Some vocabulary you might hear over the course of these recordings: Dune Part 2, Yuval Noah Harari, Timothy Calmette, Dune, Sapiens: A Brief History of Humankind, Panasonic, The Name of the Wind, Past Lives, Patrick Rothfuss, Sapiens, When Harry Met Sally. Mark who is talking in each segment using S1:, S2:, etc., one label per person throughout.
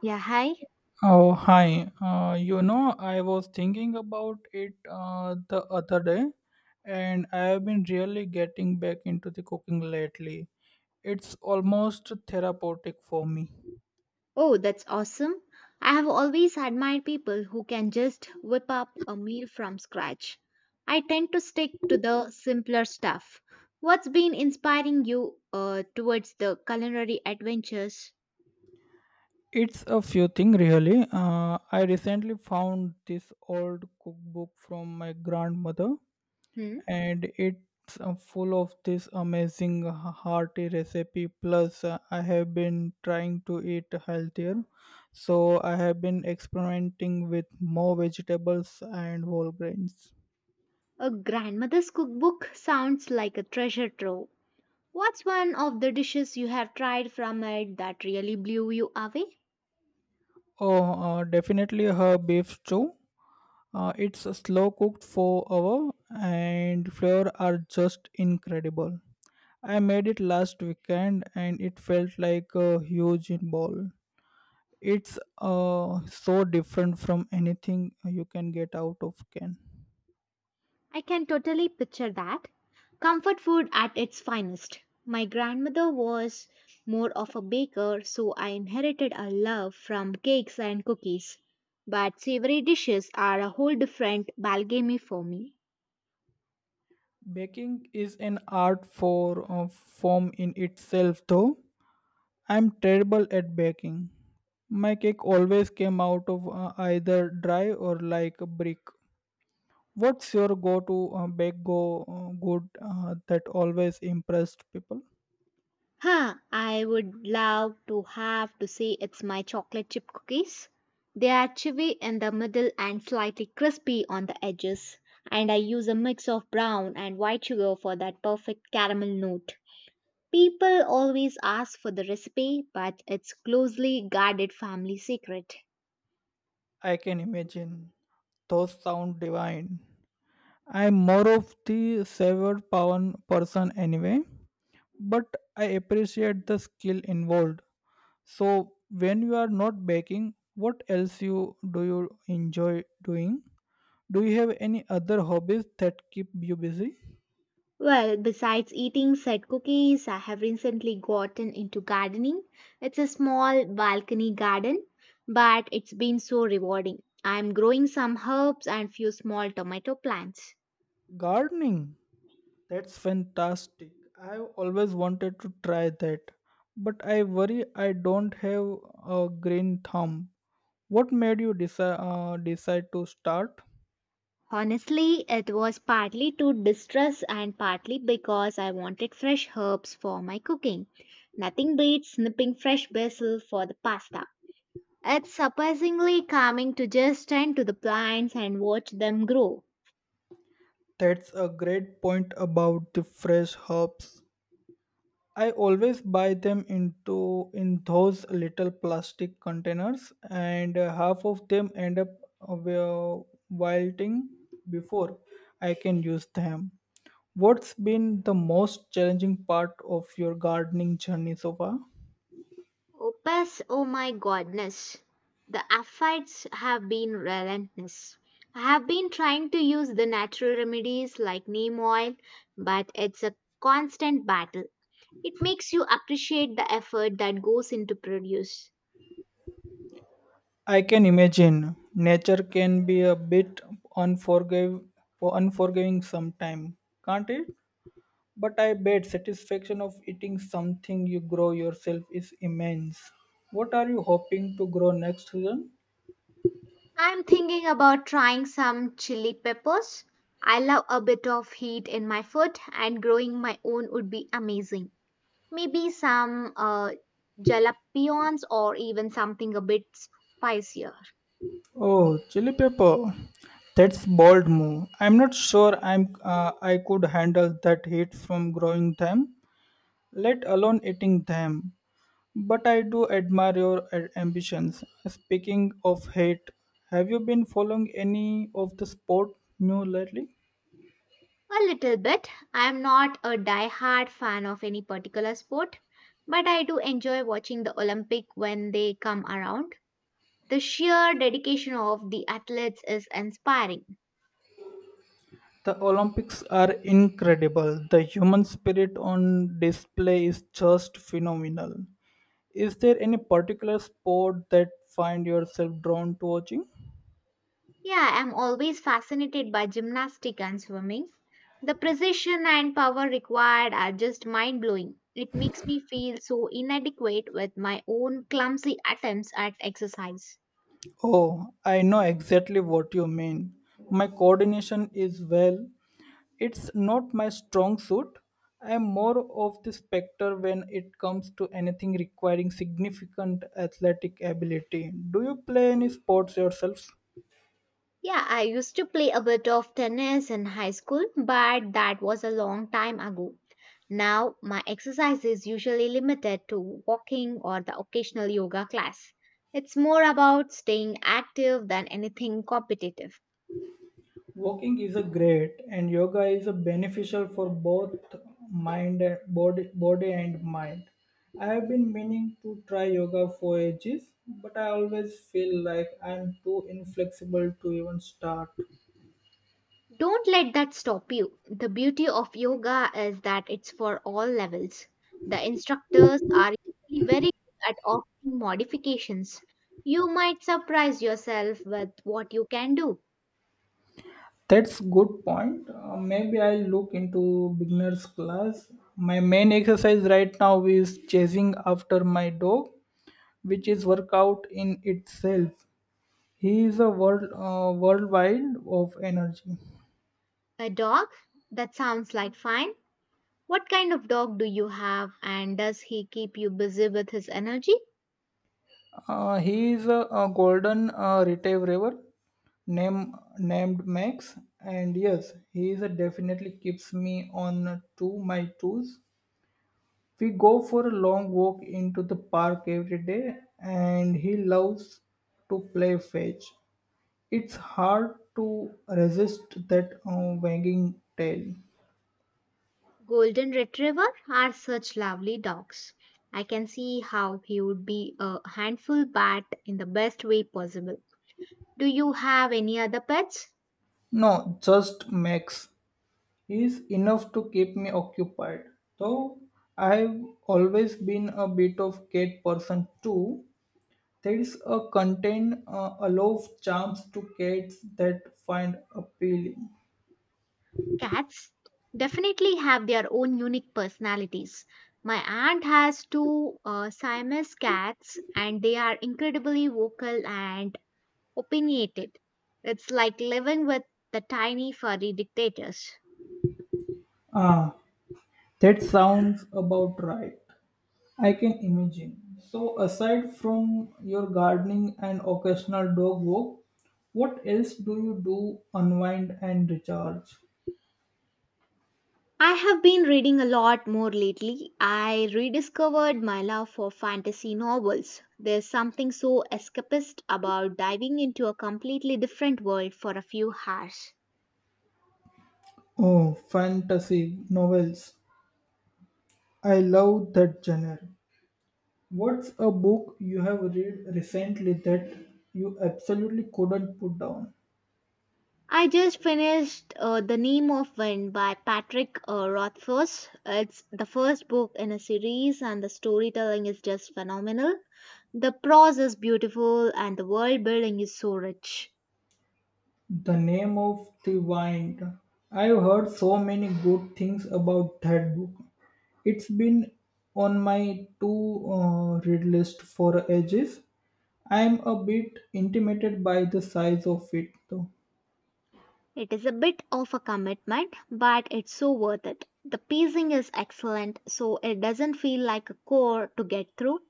S1: Yeah, hi.
S2: Oh, hi. I was thinking about it the other day, and I have been really getting back into the cooking lately. It's almost therapeutic for me.
S1: Oh, that's awesome. I have always admired people who can just whip up a meal from scratch. I tend to stick to the simpler stuff. What's been inspiring you towards the culinary adventures?
S2: It's a few things, really. I recently found this old cookbook from my grandmother,
S1: Hmm?
S2: and it's full of this amazing hearty recipe plus I have been trying to eat healthier, so I have been experimenting with more vegetables and whole grains.
S1: A grandmother's cookbook sounds like a treasure trove. What's one of the dishes you have tried from it that really blew you away?
S2: Oh Definitely her beef stew. It's a slow cooked for hour, and flavor are just incredible. I made it last weekend and it felt like a huge ball. It's so different from anything you can get out of can.
S1: I can totally picture that. Comfort food at its finest. My grandmother was more of a baker, so I inherited a love from cakes and cookies. But savory dishes are a whole different ballgame for me.
S2: Baking is an art for form in itself, though. I'm terrible at baking. My cake always came out of either dry or like a brick. What's your go-to bake go good that always impressed people?
S1: Huh, I would love to have to say it's my chocolate chip cookies. They are chewy in the middle and slightly crispy on the edges, and I use a mix of brown and white sugar for that perfect caramel note. People always ask for the recipe, but it's closely guarded family secret.
S2: I can imagine. Those sound divine. I'm more of the savour pound person anyway, but I appreciate the skill involved. So when you are not baking, what else you do you enjoy doing? Do you have any other hobbies that keep you busy?
S1: Well, besides eating set cookies, I have recently gotten into gardening. It's a small balcony garden, but it's been so rewarding. I'm growing some herbs and few small tomato plants.
S2: Gardening. That's fantastic. I've always wanted to try that, but I worry I don't have a green thumb. What made you decide to start?
S1: Honestly, it was partly to distress and partly because I wanted fresh herbs for my cooking. Nothing beats snipping fresh basil for the pasta. It's surprisingly calming to just tend to the plants and watch them grow.
S2: That's a great point about the fresh herbs. I always buy them into in those little plastic containers, and half of them end up wilting before I can use them. What's been the most challenging part of your gardening journey so far?
S1: Opus, oh my goodness. The efforts have been relentless. I have been trying to use the natural remedies like neem oil, but it's a constant battle. It makes you appreciate the effort that goes into produce.
S2: I can imagine nature can be a bit unforgive, unforgiving sometime, can't it? But I bet satisfaction of eating something you grow yourself is immense. What are you hoping to grow next season?
S1: I'm thinking about trying some chili peppers. I love a bit of heat in my food, and growing my own would be amazing. Maybe some jalapenos or even something a bit spicier.
S2: Oh, chili pepper. That's bold move. I'm not sure I could handle that heat from growing them, let alone eating them. But I do admire your ambitions. Speaking of hate, have you been following any of the sport new lately?
S1: A little bit. I'm not a die-hard fan of any particular sport, but I do enjoy watching the Olympic when they come around. The sheer dedication of the athletes is inspiring.
S2: The Olympics are incredible. The human spirit on display is just phenomenal. Is there any particular sport that find yourself drawn to watching?
S1: Yeah, I'm always fascinated by gymnastics and swimming. The precision and power required are just mind blowing. It makes me feel so inadequate with my own clumsy attempts at exercise.
S2: Oh, I know exactly what you mean. My coordination is well. It's not my strong suit. I'm more of the specter when it comes to anything requiring significant athletic ability. Do you play any sports yourself?
S1: Yeah, I used to play a bit of tennis in high school, but that was a long time ago. Now, my exercise is usually limited to walking or the occasional yoga class. It's more about staying active than anything competitive.
S2: Walking is a great and yoga is a beneficial for both mind and body, body and mind. I have been meaning to try yoga for ages, but I always feel like I'm too inflexible to even start.
S1: Don't let that stop you. The beauty of yoga is that it's for all levels. The instructors are usually very good at offering modifications. You might surprise yourself with what you can do.
S2: That's good point. Maybe I'll look into beginners class. My main exercise right now is chasing after my dog, which is workout in itself. He is a worldwide of energy.
S1: A dog? That sounds like fine. What kind of dog do you have and does he keep you busy with his energy?
S2: He is a golden retriever named Max, and yes, he is a definitely keeps me on to my toes. We go for a long walk into the park every day, and he loves to play fetch. It's hard to resist that wagging tail.
S1: Golden Retriever are such lovely dogs. I can see how he would be a handful bat in the best way possible. Do you have any other pets?
S2: No, just Max. Is enough to keep me occupied. Though I've always been a bit of cat person too, there's a aloof charms to cats that find appealing.
S1: Cats definitely have their own unique personalities. My aunt has two Siamese cats, and they are incredibly vocal and opinionated. It's like living with the tiny furry dictators.
S2: Ah, that sounds about right. I can imagine. So, aside from your gardening and occasional dog walk, what else do you do unwind and recharge?
S1: I have been reading a lot more lately. I rediscovered my love for fantasy novels. There's something so escapist about diving into a completely different world for a few hours.
S2: Oh, fantasy novels. I love that genre. What's a book you have read recently that you absolutely couldn't put down?
S1: I just finished The Name of Wind by Patrick Rothfuss. It's the first book in a series, and the storytelling is just phenomenal. The prose is beautiful, and the world building is so rich.
S2: The Name of the Wind. I've heard so many good things about that book. It's been on my to read list for ages. I'm a bit intimidated by the size of it though.
S1: It is a bit of a commitment, but it's so worth it. The pacing is excellent, so it doesn't feel like a chore to get through.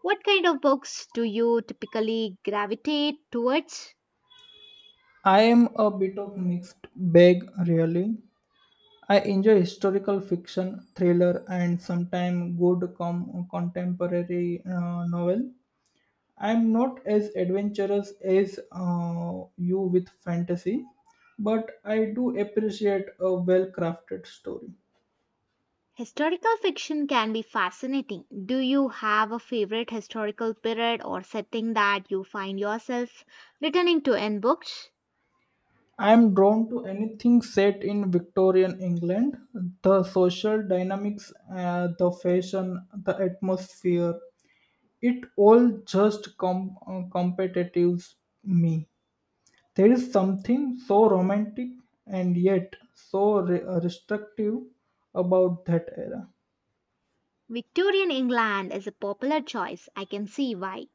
S1: What kind of books do you typically gravitate towards?
S2: I am a bit of mixed bag really. I enjoy historical fiction, thriller, and sometimes good contemporary novel. I'm not as adventurous as you with fantasy, but I do appreciate a well crafted story.
S1: Historical fiction can be fascinating. Do you have a favorite historical period or setting that you find yourself returning to in books?
S2: I'm drawn to anything set in Victorian England. The social dynamics, the fashion, the atmosphere, it all just competitive me. There is something so romantic and yet so restrictive about that era.
S1: Victorian England is a popular choice. I can see why.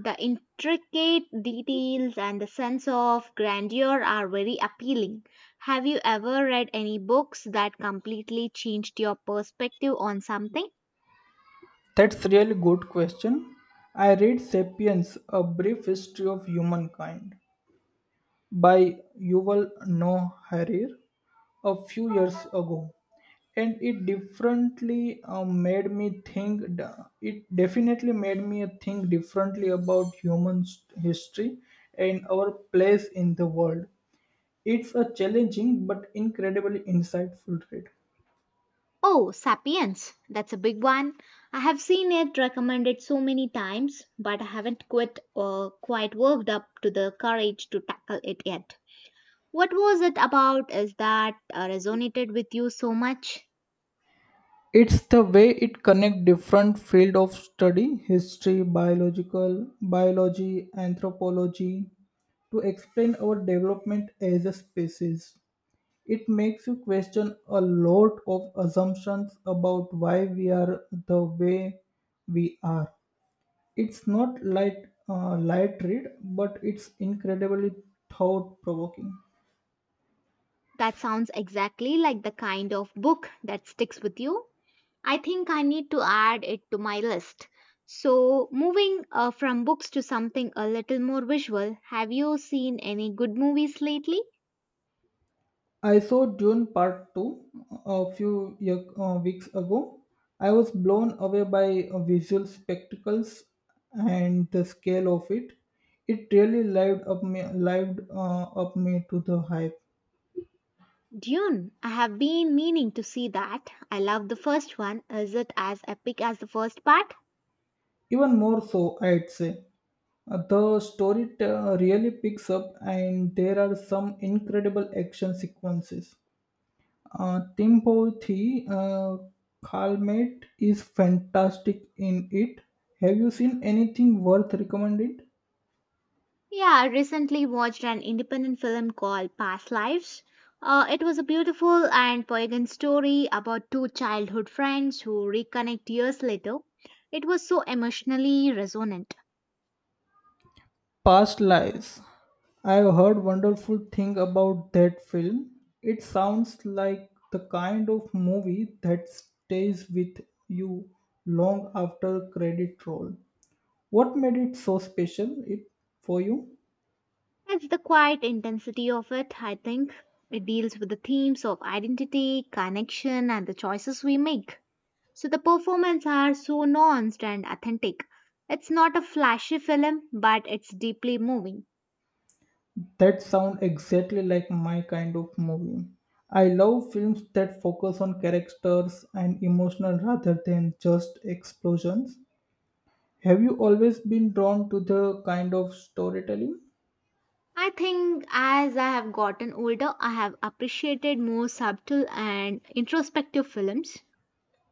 S1: The intricate details and the sense of grandeur are very appealing. Have you ever read any books that completely changed your perspective on something?
S2: That's really good question. I read *Sapiens: A Brief History of Humankind* by Yuval Noah Harari a few years ago, and it differently made me think. It definitely made me think differently about human history and our place in the world. It's a challenging but incredibly insightful read.
S1: Oh, Sapiens. That's a big one. I have seen it recommended so many times, but I haven't quite worked up to the courage to tackle it yet. What was it about? Is that resonated with you so much?
S2: It's the way it connects different fields of study, history, biology, anthropology, to explain our development as a species. It makes you question a lot of assumptions about why we are the way we are. It's not light, light read, but it's incredibly thought provoking.
S1: That sounds exactly like the kind of book that sticks with you. I think I need to add it to my list. So, moving from books to something a little more visual, have you seen any good movies lately?
S2: I saw Dune Part 2 a few weeks ago. I was blown away by visual spectacles and the scale of it. It really lived up me to the hype.
S1: Dune. I have been meaning to see that. I love the first one. Is it as epic as the first part?
S2: Even more so, I'd say. The story really picks up, and there are some incredible action sequences. Timothy Calmette is fantastic in it. Have you seen anything worth recommended?
S1: Yeah, I recently watched an independent film called Past Lives. It was a beautiful and poignant story about two childhood friends who reconnect years later. It was so emotionally resonant.
S2: Past Lives. I've heard wonderful thing about that film. It sounds like the kind of movie that stays with you long after credit roll. What made it so special for you?
S1: It's the quiet intensity of it, I think. It deals with the themes of identity, connection, and the choices we make. So the performances are so nuanced and authentic. It's not a flashy film, but it's deeply moving.
S2: That sound exactly like my kind of movie. I love films that focus on characters and emotional rather than just explosions. Have you always been drawn to the kind of storytelling?
S1: I think as I have gotten older, I have appreciated more subtle and introspective films,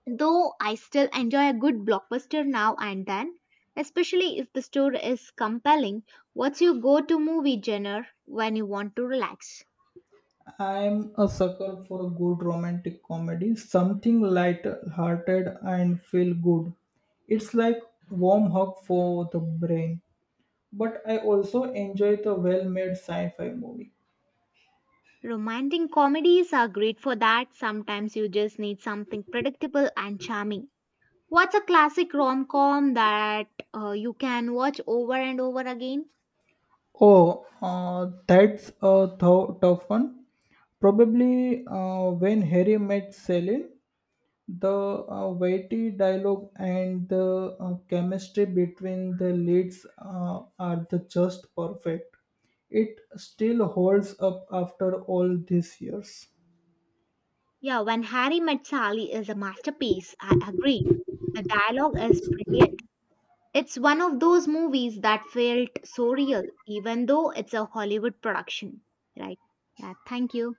S1: though I still enjoy a good blockbuster now and then, especially if the story is compelling. What's your go to movie genre when you want to relax?
S2: I'm a sucker for a good romantic comedy, something light-hearted and feel good. It's like warm hug for the brain. But I also enjoy the well-made sci-fi movie.
S1: Romantic comedies are great for that. Sometimes you just need something predictable and charming. What's a classic rom com that you can watch over and over again?
S2: Oh, that's a tough one. Probably when Harry met Sally, the witty dialogue and the chemistry between the leads are the just perfect. It still holds up after all these years.
S1: Yeah, when Harry met Sally is a masterpiece. I agree. The dialogue is brilliant. It's one of those movies that felt so real, even though it's a Hollywood production. Right. Yeah, thank you.